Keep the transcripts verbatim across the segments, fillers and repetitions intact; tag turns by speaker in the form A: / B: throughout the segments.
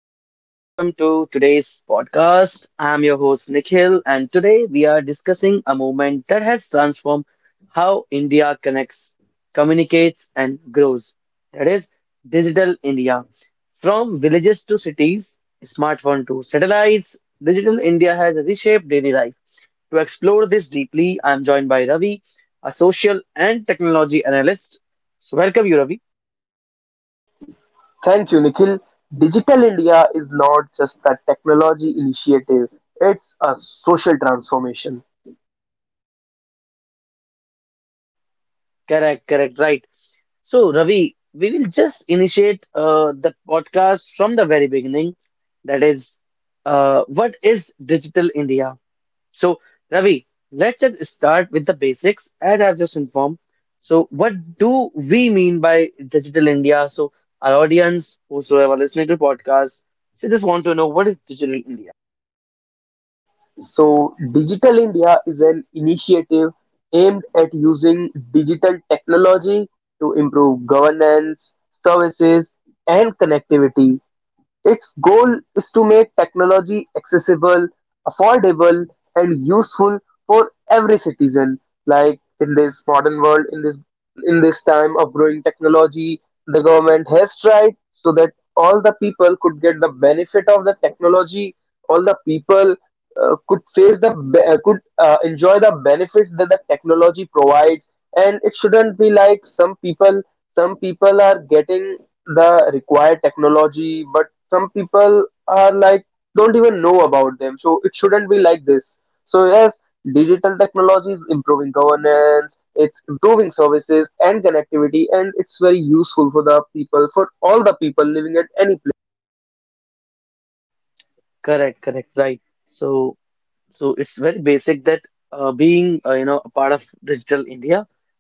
A: and welcome to today's podcast. I'm your host Nikhil, and today we are discussing a movement that has transformed how India connects, communicates, and grows. That is Digital India. From villages to cities, smartphone to satellites, Digital India has reshaped daily life. To explore this deeply, I'm joined by Ravi, a social and technology analyst. So, welcome you, Ravi.
B: Thank you, Nikhil. Digital India is not just a technology initiative, it's a social transformation.
A: Correct, correct, right. So, Ravi, we will just initiate uh, the podcast from the very beginning. That is, uh, what is Digital India? So, Ravi, let's just start with the basics, as I've just informed. So, what do we mean by Digital India? So, our audience, whosoever listening to podcast, they just want to know what is Digital India?
B: So, Digital India is an initiative aimed at using digital technology to improve governance, services, and connectivity. Its goal is to make technology accessible, affordable and useful for every citizen. Like in this modern world, in this in this time of growing technology, the government has tried so that all the people could get the benefit of the technology. All the people uh, could face the be- uh, could uh, enjoy the benefits that the technology provides, and it shouldn't be like some people some people are getting the required technology, but some people are like don't even know about them. So it shouldn't be like this. So yes, digital technology is improving governance, it's improving services and connectivity, and it's very useful for the people, for all the people living at any place.
A: Correct, correct, right. So, So it's very basic that uh, being uh, you know a part of Digital India,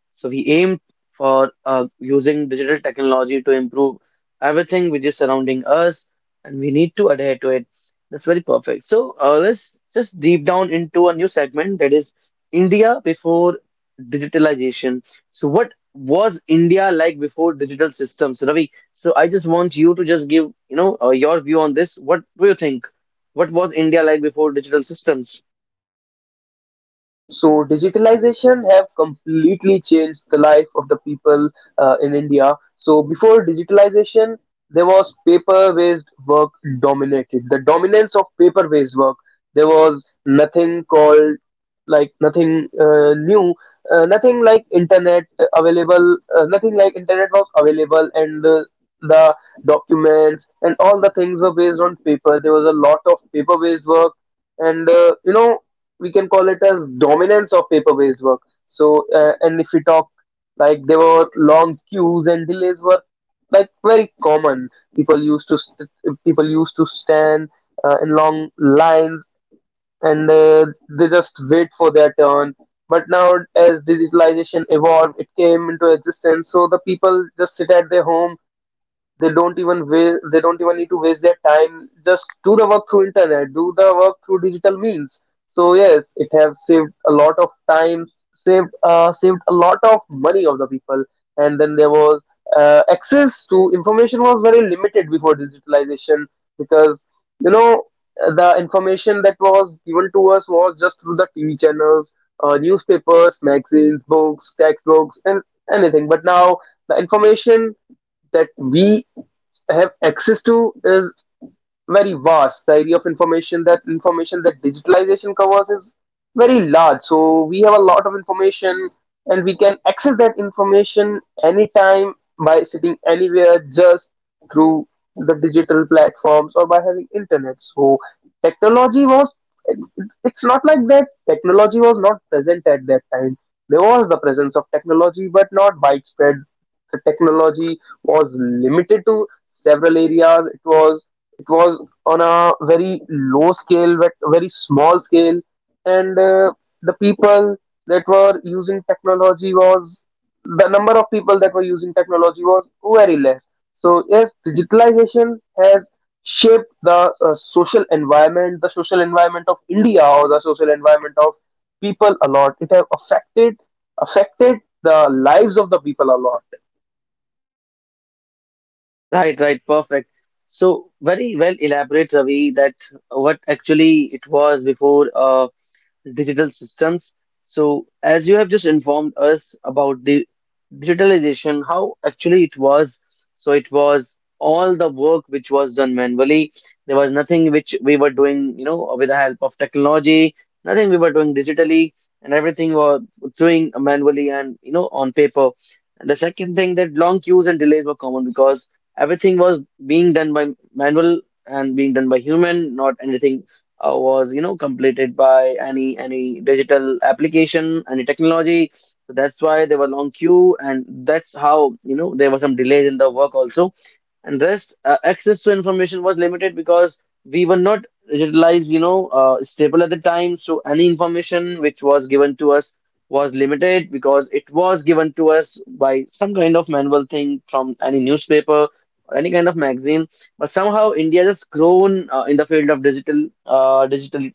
A: so we aim for uh, using digital technology to improve everything which is surrounding us, and we need to adhere to it. That's very perfect. So uh, let's just deep down into a new segment, that is India before digitalization. So what was India like before digital systems, Ravi? So I just want you to just give you know uh, your view on this. What do you think? What was India like before digital systems?
B: So digitalization have completely changed the life of the people uh, in India. So before digitalization, there was paper-based work dominated. The dominance of paper-based work. There was nothing called like nothing uh, new, uh, nothing like internet available. Uh, Nothing like internet was available, and uh, the documents and all the things were based on paper. There was a lot of paper-based work and uh, you know we can call it as dominance of paper-based work. So, uh, and if we talk like there were long queues and delays were like very common. People used to st- people used to stand uh, in long lines and uh, they just wait for their turn. But now, as digitalization evolved, it came into existence. So the people just sit at their home, they don't even wa- they don't even need to waste their time. Just do the work through internet, do the work through digital means. So yes, it have saved a lot of time, saved uh, saved a lot of money of the people. And then there was uh, access to information was very limited before digitalization because you know the information that was given to us was just through the T V channels, uh, newspapers, magazines, books, textbooks, and anything. But now the information that we have access to is very vast. The area of information that information that digitalization covers is very large. So we have a lot of information and we can access that information anytime by sitting anywhere just through the digital platforms or by having internet. So technology was it's not like that technology was not present at that time. There was the presence of technology but not widespread, the technology was limited to several areas. It was it was on a very low scale, but very small scale, and uh, the people that were using technology was the number of people that were using technology was very less. So yes, digitalization has shaped the uh, social environment, the social environment of India or the social environment of people a lot. It has affected affected the lives of the people a lot.
A: Right, right, perfect. So very well elaborate, Ravi, that what actually it was before. Uh, digital systems. So, as you have just informed us about the digitalization, how actually it was. So, it was all the work which was done manually. There was nothing which we were doing, you know, with the help of technology, nothing we were doing digitally, and everything was doing manually and, you know, on paper. And the second thing that long queues and delays were common because everything was being done by manual and being done by human, not anything uh, was you know completed by any any digital application, any technology. So that's why there were long queue, and that's how you know there were some delays in the work also. And this uh, access to information was limited because we were not digitalized, you know, uh, stable at the time. So any information which was given to us was limited because it was given to us by some kind of manual thing from any newspaper or any kind of magazine. But somehow India has grown uh, in the field of digital uh, digital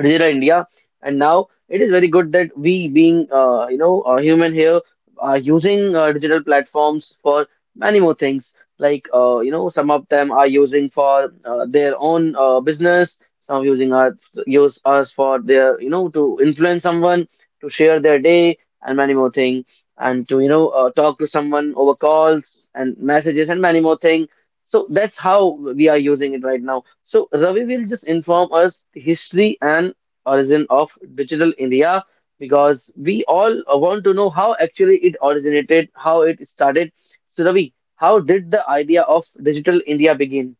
A: digital India. And now it is very good that we, being uh, you know a human here, are using uh, digital platforms for many more things. Like uh, you know, some of them are using for uh, their own uh, business. Some using us, use us for their you know to influence someone, to share their day and many more thing, and to you know uh, talk to someone over calls and messages and many more thing. So that's how we are using it right now. So Ravi will just inform us the history and origin of digital India because we all want to know how actually it originated, how it started. So Ravi, how did the idea of digital India begin?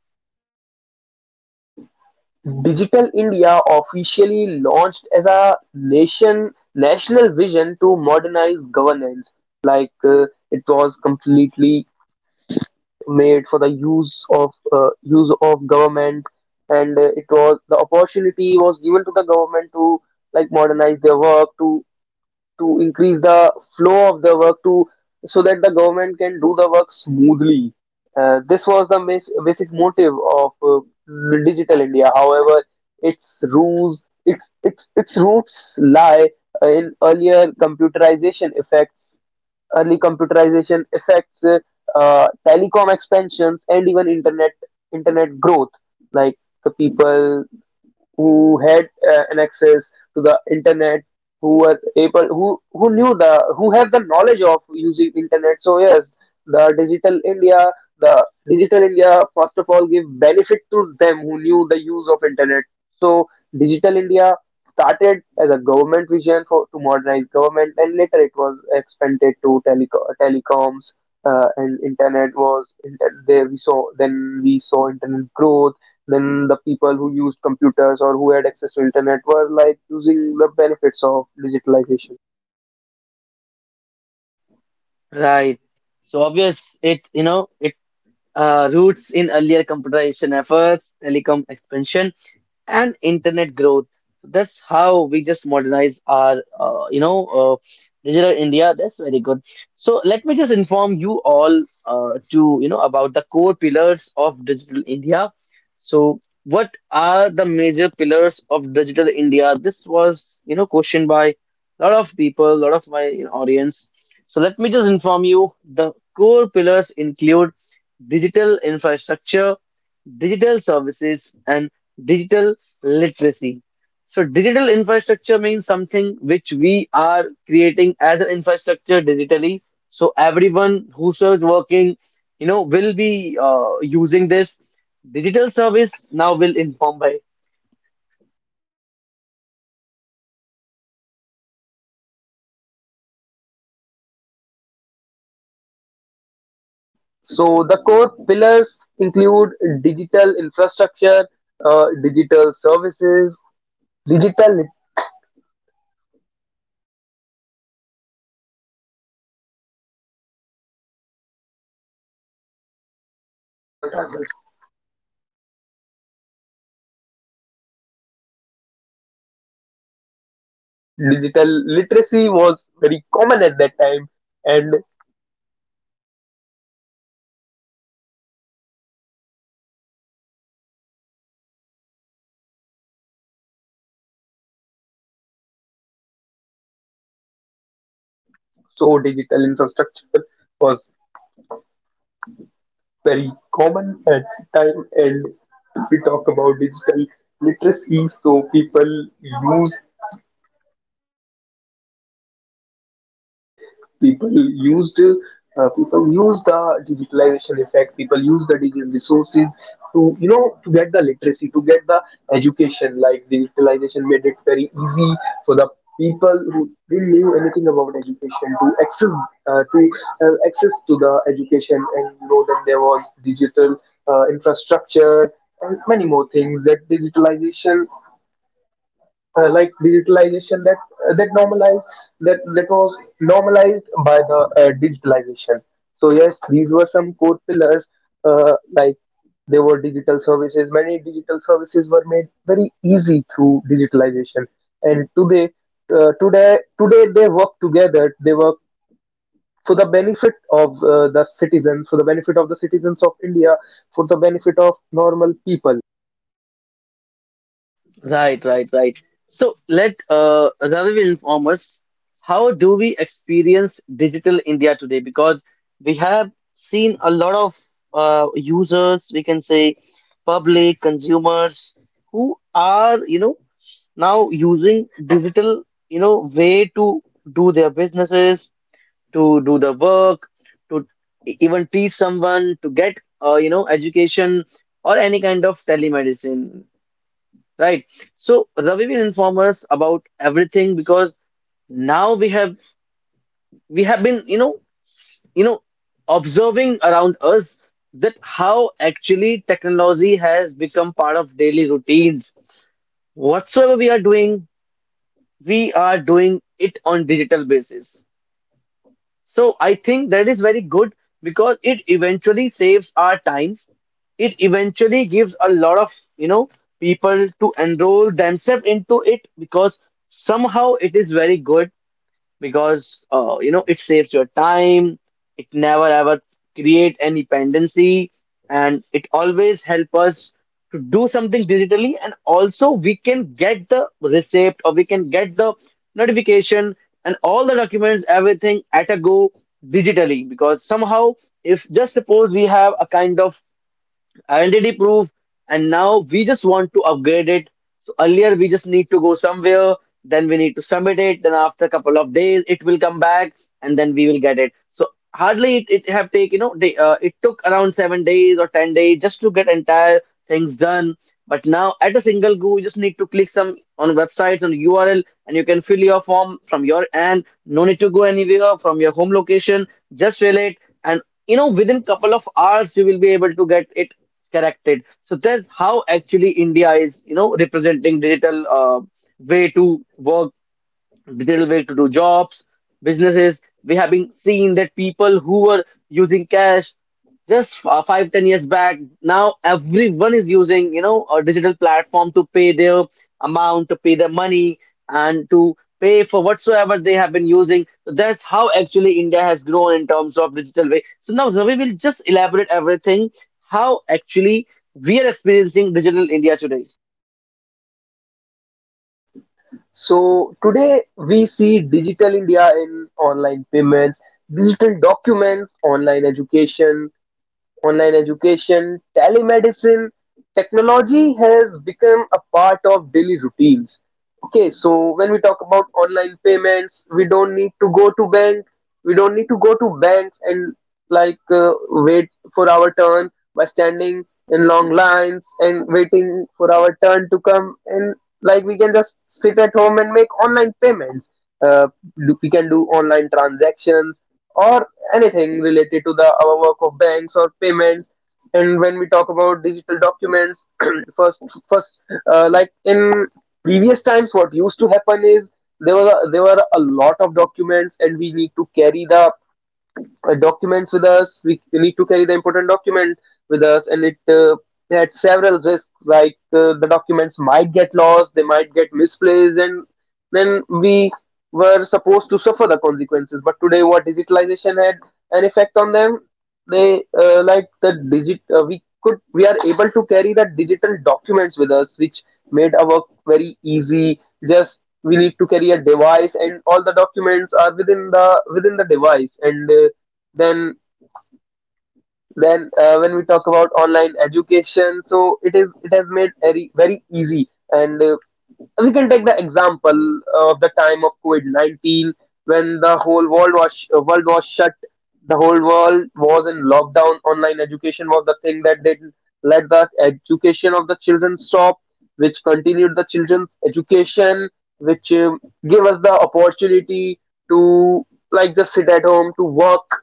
B: Digital India officially launched as a nation national vision to modernize governance. Like uh, it was completely made for the use of uh, use of government, and uh, it was the opportunity was given to the government to like modernize their work to to increase the flow of the work to so that the government can do the work smoothly. Uh, this was the mas- basic motive of uh, digital India. However, its roots its its its roots lie uh, in earlier computerization effects, early computerization effects, uh, uh, telecom expansions, and even internet internet growth. Like the people who had uh, an access to the internet, who were able, who who knew the, who have the knowledge of using internet, so yes the digital india, the digital india first of all give benefit to them who knew the use of internet. So digital india started as a government vision for to modernize government and later it was expanded to teleco- telecoms, uh, and internet was inter- there we saw, then we saw internet growth. Then the people who used computers or who had access to internet were like using the benefits of digitalization.
A: Right. So obvious it you know it uh, roots in earlier computerization efforts, telecom expansion, and internet growth. That's how we just modernize our, uh, you know, uh, digital India. That's very good. So let me just inform you all uh, to, you know, about the core pillars of digital India. So what are the major pillars of digital India? This was, you know, questioned by a lot of people, a lot of my you know, audience. So let me just inform you. The core pillars include digital infrastructure, digital services and digital literacy. So, digital infrastructure means something which we are creating as an infrastructure digitally. So, everyone whoso is working, you know, will be uh, using this digital service now will inform by.
B: So the core pillars include digital infrastructure, uh, digital services, digital lit- digital literacy was very common at that time, and so digital infrastructure was very common at that time. And if we talk about digital literacy, so people use people used uh, people use the digitalization effect, people use the digital resources to you know to get the literacy, to get the education. Like digitalization made it very easy for the people who didn't knew anything about education to access uh, to uh, access to the education, and you know that there was digital uh, infrastructure and many more things that digitalization uh, like digitalization that uh, that normalized that that was normalized by the uh, digitalization. So yes, these were some core pillars. uh, like there were digital services, many digital services were made very easy through digitalization, and today uh, today today they work together, they work for the benefit of uh, the citizen, for the benefit of the citizens of india, for the benefit of normal people.
A: Right, right, right. So let uh, Ravi inform us how do we experience digital India today? Because we have seen a lot of uh, users, we can say public consumers who are, you know, now using digital, you know, way to do their businesses, to do the work, to e- even teach someone, to get, uh, you know, education or any kind of telemedicine. Right. So Ravi will inform us about everything because now we have we have been, you know, s- you know, observing around us that how actually technology has become part of daily routines. Whatsoever we are doing, we are doing it on digital basis. So I think that is very good because it eventually saves our times. It eventually gives a lot of, you know, people to enroll themselves into it because somehow it is very good because uh, you know it saves your time. It never ever create any dependency, and it always help us to do something digitally, and also we can get the receipt or we can get the notification and all the documents, everything at a go digitally, because somehow if just suppose we have a kind of identity proof, and now we just want to upgrade it. So earlier we just need to go somewhere, then we need to submit it, then after a couple of days it will come back, and then we will get it. So hardly it, it have take you know they uh, it took around seven days or ten days just to get entire things done. But now at a single go, you just need to click some on websites on url, and you can fill your form from your end, no need to go anywhere from your home location. Just fill it, and you know within couple of hours you will be able to get it corrected. So that's how actually India is you know representing digital uh, way to work, digital way to do jobs, businesses. We have been seeing that people who were using cash just uh, five, ten years back, now everyone is using, you know, a digital platform to pay their amount, to pay their money, and to pay for whatsoever they have been using. So that's how actually India has grown in terms of digital way. So now Ravi will just elaborate everything, how actually we are experiencing digital India today.
B: So today we see digital India in online payments, digital documents, online education, online education, telemedicine, technology has become a part of daily routines. Okay, so when we talk about online payments, we don't need to go to bank. We don't need to go to banks and like uh, wait for our turn by standing in long lines and waiting for our turn to come. And like we can just sit at home and make online payments. Uh, do- we can do online transactions or anything related to the our work of banks or payments. And when we talk about digital documents first first uh, like in previous times what used to happen is there were there were a lot of documents and we need to carry the uh, documents with us. We need to carry the important document with us, and it uh, had several risks like uh, the documents might get lost, they might get misplaced, and then we were supposed to suffer the consequences. But today, what digitalization had an effect on them, they uh, like the digit uh, we could, we are able to carry the digital documents with us, which made our work very easy. Just we need to carry a device and all the documents are within the within the device, and uh, then then uh, when we talk about online education, so it is, it has made very very easy. And uh, we can take the example of the time of covid nineteen when the whole world was sh- uh, world was shut the whole world was in lockdown. Online education was the thing that did not let the education of the children stop, which continued the children's education, which um gave us the opportunity to like just sit at home to work,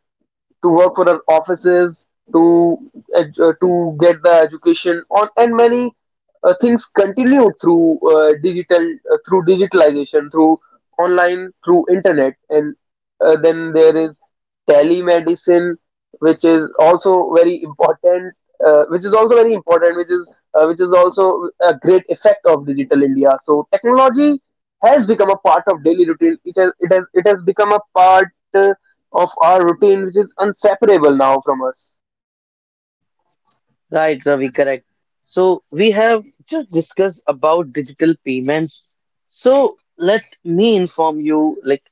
B: to work for our offices, to ed- uh, to get the education on, and many uh, things continue through uh, digital, uh, through digitalization, through online, through internet, and uh, then there is telemedicine, which is also very important, uh, which is also very important, which is uh, which is also a great effect of digital India. So technology has become a part of daily routine. It has it has it has become a part, uh, of our routine, which is inseparable now from us.
A: Right, Ravi, correct. So we have just discussed about digital payments. So let me inform you like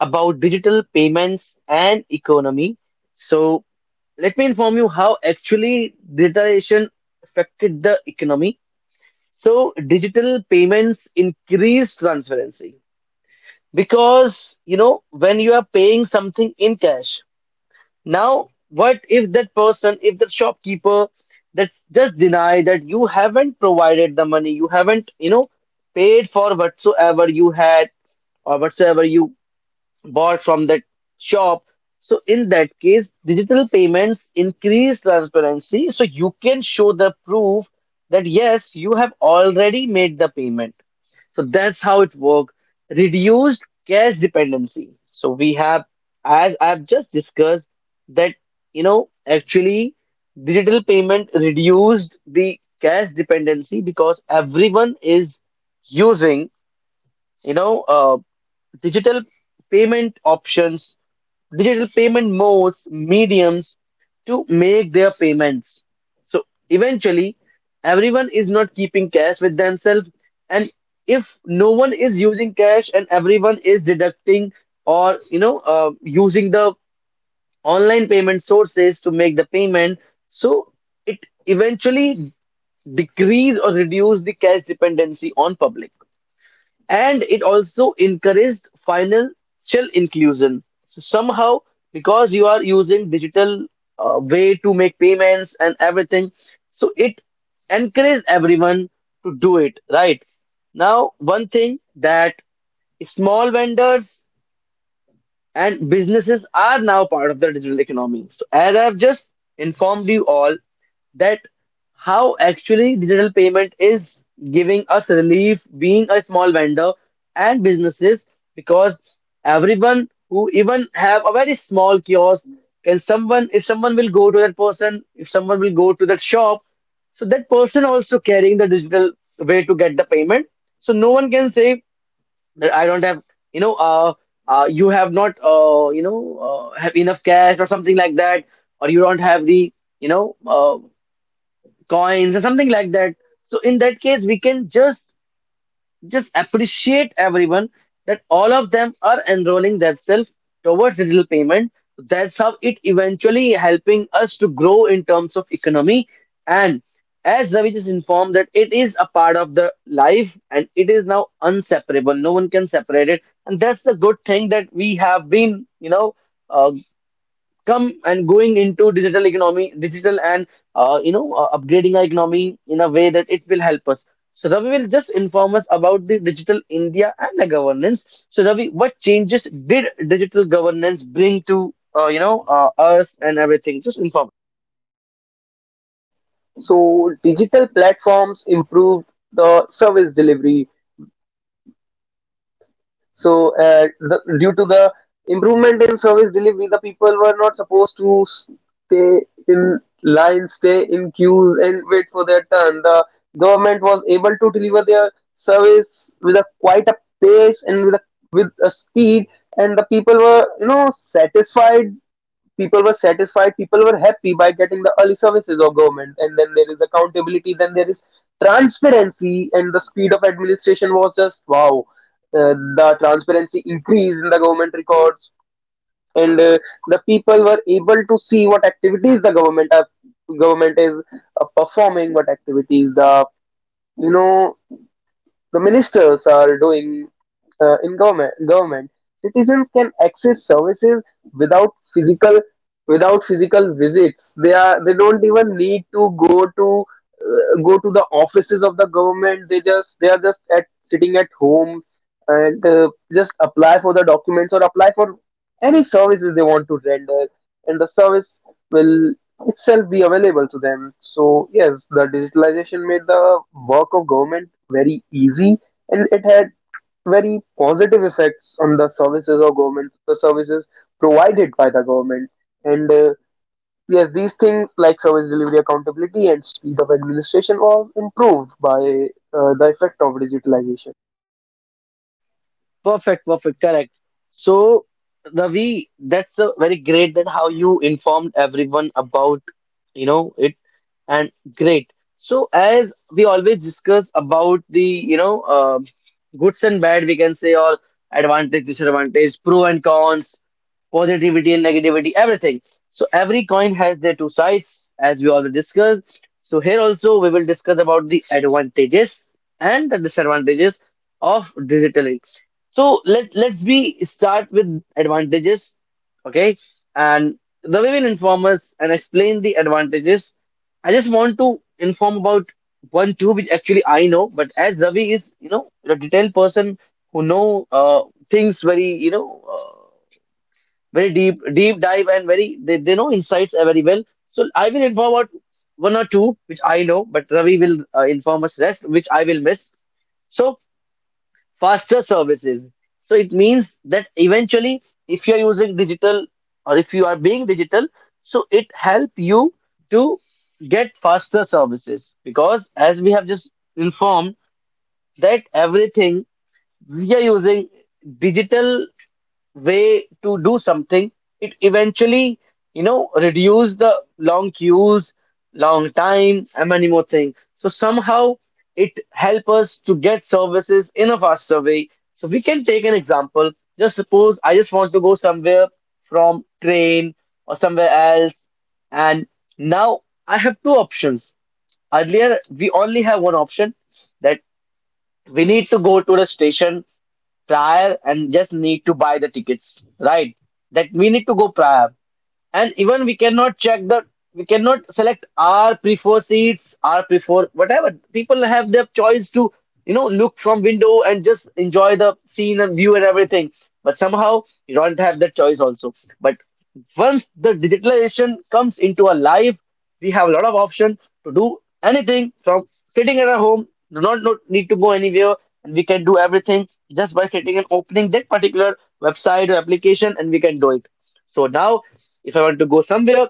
A: about digital payments and economy. So let me inform you how actually digitalization affected the economy. So digital payments increased transparency because you know when you are paying something in cash now, what if that person, if the shopkeeper that just deny that you haven't provided the money, you haven't, you know, paid for whatsoever you had or whatsoever you bought from that shop. So in that case, digital payments increase transparency. So you can show the proof that yes, you have already made the payment. So that's how it worked. Reduced cash dependency. So we have, as I've just discussed, that you know, actually digital payment reduced the cash dependency because everyone is using, you know, uh, digital payment options, digital payment modes, mediums to make their payments. So eventually, everyone is not keeping cash with themselves. And if no one is using cash and everyone is deducting or you know uh, using the online payment sources to make the payment, so it eventually decrease or reduce the cash dependency on public, and it also encouraged financial inclusion. So somehow, because you are using digital uh, way to make payments and everything, so it encouraged everyone to do it, right? Now, one thing that small vendors and businesses are now part of the digital economy. So, as I've just informed you all, that how actually digital payment is giving us relief being a small vendor and businesses, because everyone who even have a very small kiosk can, someone if someone will go to that person, if someone will go to that shop, so that person also carrying the digital way to get the payment. So no one can say that I don't have, you know, uh, uh, you have not, uh, you know, uh, have enough cash or something like that, or you don't have the, you know, uh, coins or something like that. So in that case, we can just just appreciate everyone that all of them are enrolling themselves towards digital payment. That's how it eventually helping us to grow in terms of economy. And as Ravi just informed, that it is a part of the life and it is now unseparable, no one can separate it, and that's the good thing that we have been you know uh, come and going into digital economy, digital, and uh, you know uh, upgrading our economy in a way that it will help us. So Ravi will just inform us about the digital India and the governance. So Ravi, what changes did digital governance bring to uh, you know uh, us and everything? Just inform.
B: So digital platforms improved the service delivery. So uh, the, due to the improvement in service delivery, the people were not supposed to stay in lines, stay in queues, and wait for their turn. The government was able to deliver their service with a quite a pace and with a with a speed, and the people were you know satisfied, people were satisfied people were happy by getting the early services of government. And then there is accountability, then there is transparency, and the speed of administration was just wow. uh, the transparency increased in the government records, and uh, the people were able to see what activities the government are, government is uh, performing, what activities the you know the ministers are doing uh, in government government. Citizens can access services without physical without physical visits. They are, they don't even need to go to uh, go to the offices of the government. They just, they are just at sitting at home and uh, just apply for the documents or apply for any services they want to render, and the service will itself be available to them. So yes, the digitalization made the work of government very easy, and it had very positive effects on the services of government, the services provided by the government, and uh, yes, these things like service delivery, accountability and speed of administration was improved by uh, the effect of digitalization.
A: Perfect, perfect, correct. So, Ravi, that's a very great that how you informed everyone about, you know, it and great. So, as we always discuss about the, you know, uh, goods and bad, we can say, or advantage, disadvantage, pro and cons, positivity and negativity, everything. So, every coin has their two sides, as we already discussed. So, here also we will discuss about the advantages and the disadvantages of digital, so let let's be start with advantages, okay? And the way will inform us and explain the advantages. I just want to inform about one two which actually I know, but as Ravi is you know a detailed person who know uh, things very you know uh, very deep deep dive and very they, they know insights uh, very well. So I will inform about one or two which I know, but Ravi will uh, inform us rest which I will miss. So faster services. So it means that eventually, if you're using digital or if you are being digital, so it help you to get faster services because as we have just informed that everything we are using digital way to do something, it eventually, you know, reduce the long queues, long time, and many more things. So somehow it help us to get services in a faster way. So we can take an example. Just suppose I just want to go somewhere from train or somewhere else, and now I have two options. Earlier, we only have one option that we need to go to the station prior and just need to buy the tickets, right? That we need to go prior. And even we cannot check the, we cannot select our prefer seats, our prefer whatever. People have their choice to, you know, look from window and just enjoy the scene and view and everything. But somehow you don't have that choice also. But once the digitalization comes into our life, we have a lot of options to do anything from sitting at our home, do not not need to go anywhere, and we can do everything just by sitting and opening that particular website or application, and we can do it. So now if I want to go somewhere,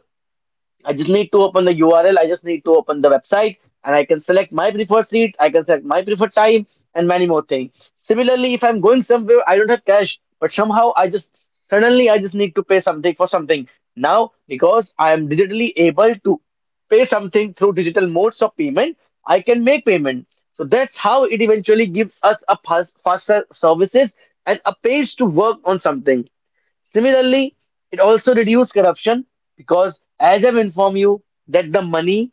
A: I just need to open the U R L. I just need to open the website, and I can select my preferred seat. I can select my preferred time and many more things. Similarly, if I'm going somewhere, I don't have cash, but somehow I just suddenly I just need to pay something for something. Now, because I am digitally able to pay something through digital modes of payment, I can make payment. So that's how it eventually gives us a fast, faster services and a pace to work on something. Similarly, it also reduced corruption because, as I've informed you, that the money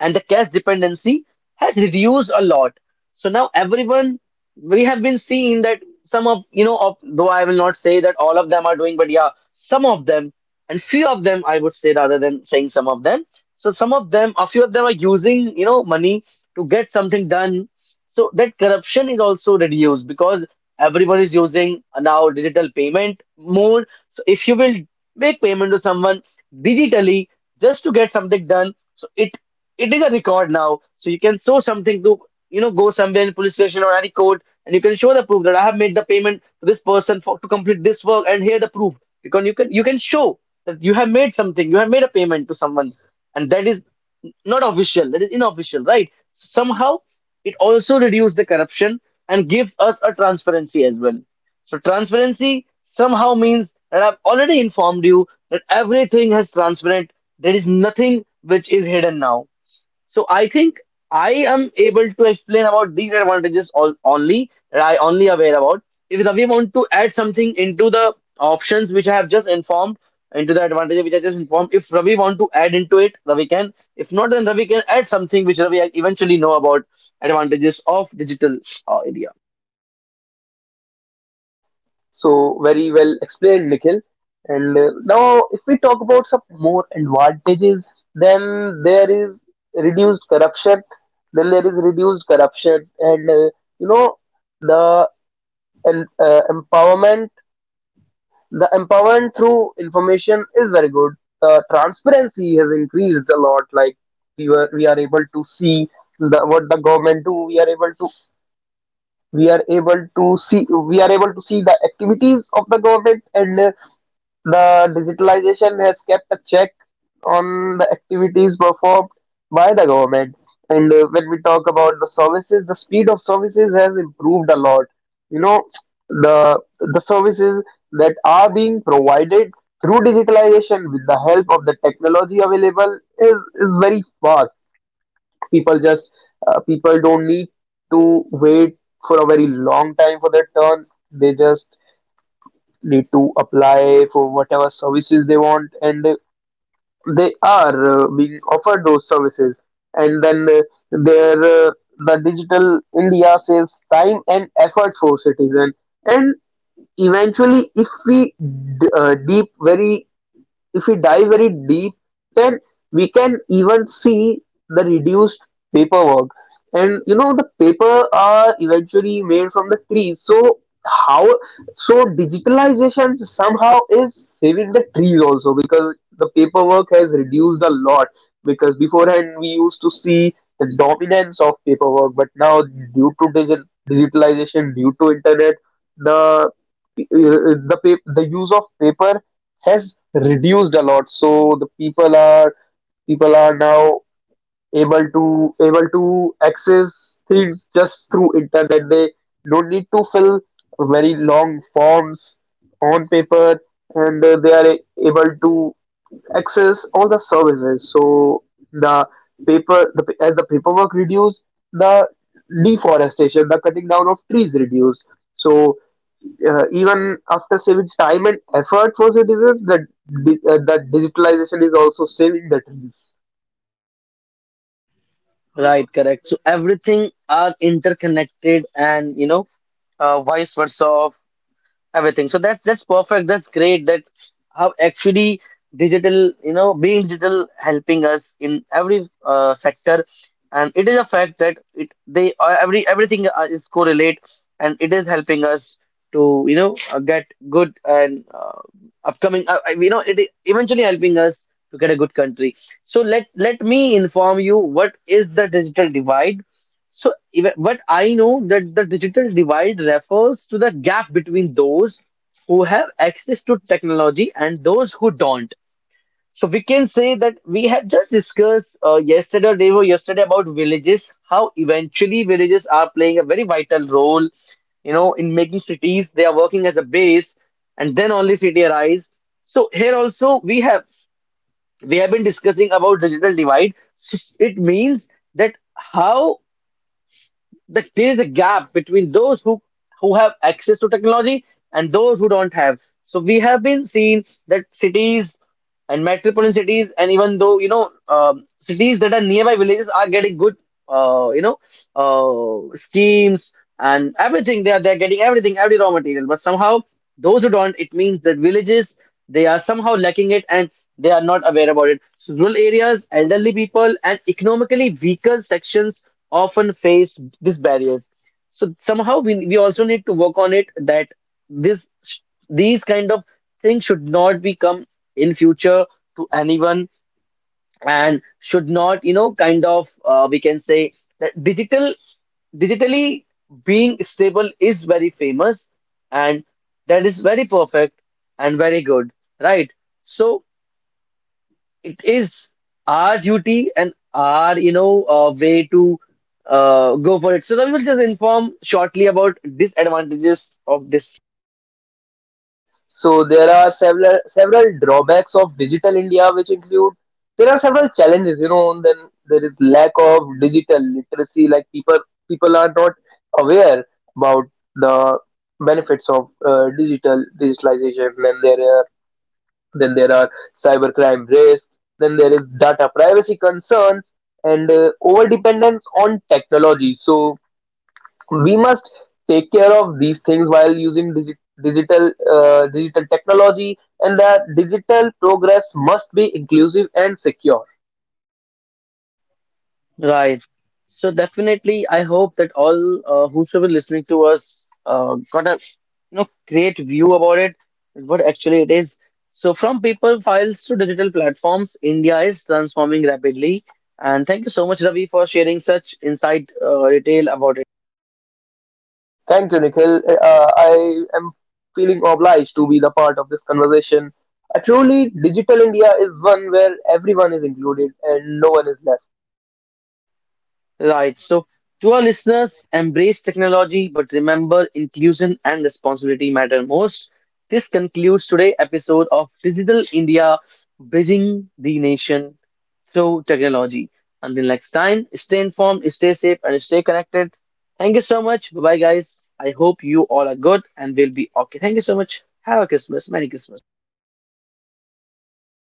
A: and the cash dependency has reduced a lot. So now everyone, we have been seeing that some of, you know, of, though I will not say that all of them are doing, but yeah, some of them and few of them, I would say rather than saying some of them. So some of them, a few of them are using, you know, money to get something done, so that corruption is also reduced because everyone is using now digital payment mode. So if you will make payment to someone digitally just to get something done, so it it is a record now. So you can show something to, you know go somewhere in police station or any court, and you can show the proof that I have made the payment to this person for to complete this work, and here the proof, because you can you can show that you have made something, you have made a payment to someone, and that is not official, that is unofficial, right? So somehow it also reduces the corruption and gives us a transparency as well. So transparency somehow means that I've already informed you that everything is transparent. There is nothing which is hidden now. So I think I am able to explain about these advantages all, only that I only aware about. If we want to add something into the options which I have just informed, into the advantages which I just informed, if Ravi want to add into it, Ravi can. If not, then Ravi can add something which Ravi eventually know about advantages of digital uh, India.
B: So very well explained, Nikhil. And uh, now, if we talk about some more advantages, then there is reduced corruption. Then there is reduced corruption, and uh, you know the, and, uh, empowerment. The empowerment through information is very good. The transparency has increased a lot. Like we were, we are able to see the what the government do. We are able to we are able to see we are able to see the activities of the government, and uh, the digitalization has kept a check on the activities performed by the government. And uh, when we talk about the services, the speed of services has improved a lot. You know, the the services that are being provided through digitalization with the help of the technology available is is very fast. People just uh, People don't need to wait for a very long time for their turn. They just need to apply for whatever services they want, and they, they are uh, being offered those services. And then uh, their uh, the digital india saves time and efforts for citizen. And eventually if we d- uh, deep very if we dive very deep, then we can even see the reduced paperwork. And you know, the paper are eventually made from the trees. So how, so digitalization somehow is saving the trees also because the paperwork has reduced a lot because beforehand we used to see the dominance of paperwork, but now due to digi- digitalization, due to internet, the uh, the pa- the use of paper has reduced a lot. So the people are people are now able to able to access things just through internet. They don't need to fill very long forms on paper, and uh, they are a- able to access all the services. So the paper the, pa- as the paperwork reduced, the deforestation, the cutting down of trees reduced. So uh, even after saving time and effort for citizens, the di- uh, the digitalization is also saving the trees.
A: Right, correct. So everything are interconnected and you know uh, vice versa everything, so that's that's perfect, that's great that how actually digital, you know being digital helping us in every uh, sector, and it is a fact that it they uh, every everything uh, is correlate, and it is helping us to you know uh, get good and uh, upcoming uh, uh, you know it is eventually helping us to get a good country. So let let me inform you what is the digital divide. So, even, but I know that the digital divide refers to the gap between those who have access to technology and those who don't. So, we can say that we have just discussed uh, yesterday or day before yesterday about villages, how eventually villages are playing a very vital role, you know, in making cities. They are working as a base, and then only city arise. So, here also we have we have been discussing about digital divide. So, it means that how that there is a gap between those who who have access to technology and those who don't have. So we have been seeing that cities and metropolitan cities, and even though you know um, cities that are nearby villages are getting good uh, you know uh, schemes and everything. They are they're getting everything, every raw material, but somehow those who don't, it means that villages, they are somehow lacking it and they are not aware about it. So rural areas, elderly people, and economically weaker sections often face these barriers. So somehow we, we also need to work on it that this, these kind of things should not become in future to anyone, and should not you know kind of uh, we can say that digital, digitally being stable is very famous, and that is very perfect and very good, right? So it is our duty and our you know uh, way to uh, go for it. So we will just inform shortly about disadvantages of this.
B: So there are several several drawbacks of digital India, which include there are several challenges. You know, then there is lack of digital literacy. Like people people are not aware about the benefits of uh, digital digitalization. Then there Then there are cybercrime risks. Then there is data privacy concerns and uh, overdependence on technology. So we must take care of these things while using digi- digital uh, digital technology, and that digital progress must be inclusive and secure.
A: Right. So definitely, I hope that all uh, whosoever listening to us uh, got a you know great view about it, is what actually it is. So from paper files to digital platforms, India is transforming rapidly. And thank you so much, Ravi, for sharing such insight uh, detail about.
B: Thank you, Nikhil. Uh, I am feeling obliged to be the part of this conversation. A truly digital India is one where everyone is included and no one is left.
A: Right. So, to our listeners, embrace technology, but remember inclusion and responsibility matter most. This concludes today's episode of Digital India, bridging the nation through technology. Until next time, stay informed, stay safe, and stay connected. Thank you so much. Bye bye, guys. I hope you all are good and will be okay. Thank you so much. Have a Christmas. Merry Christmas.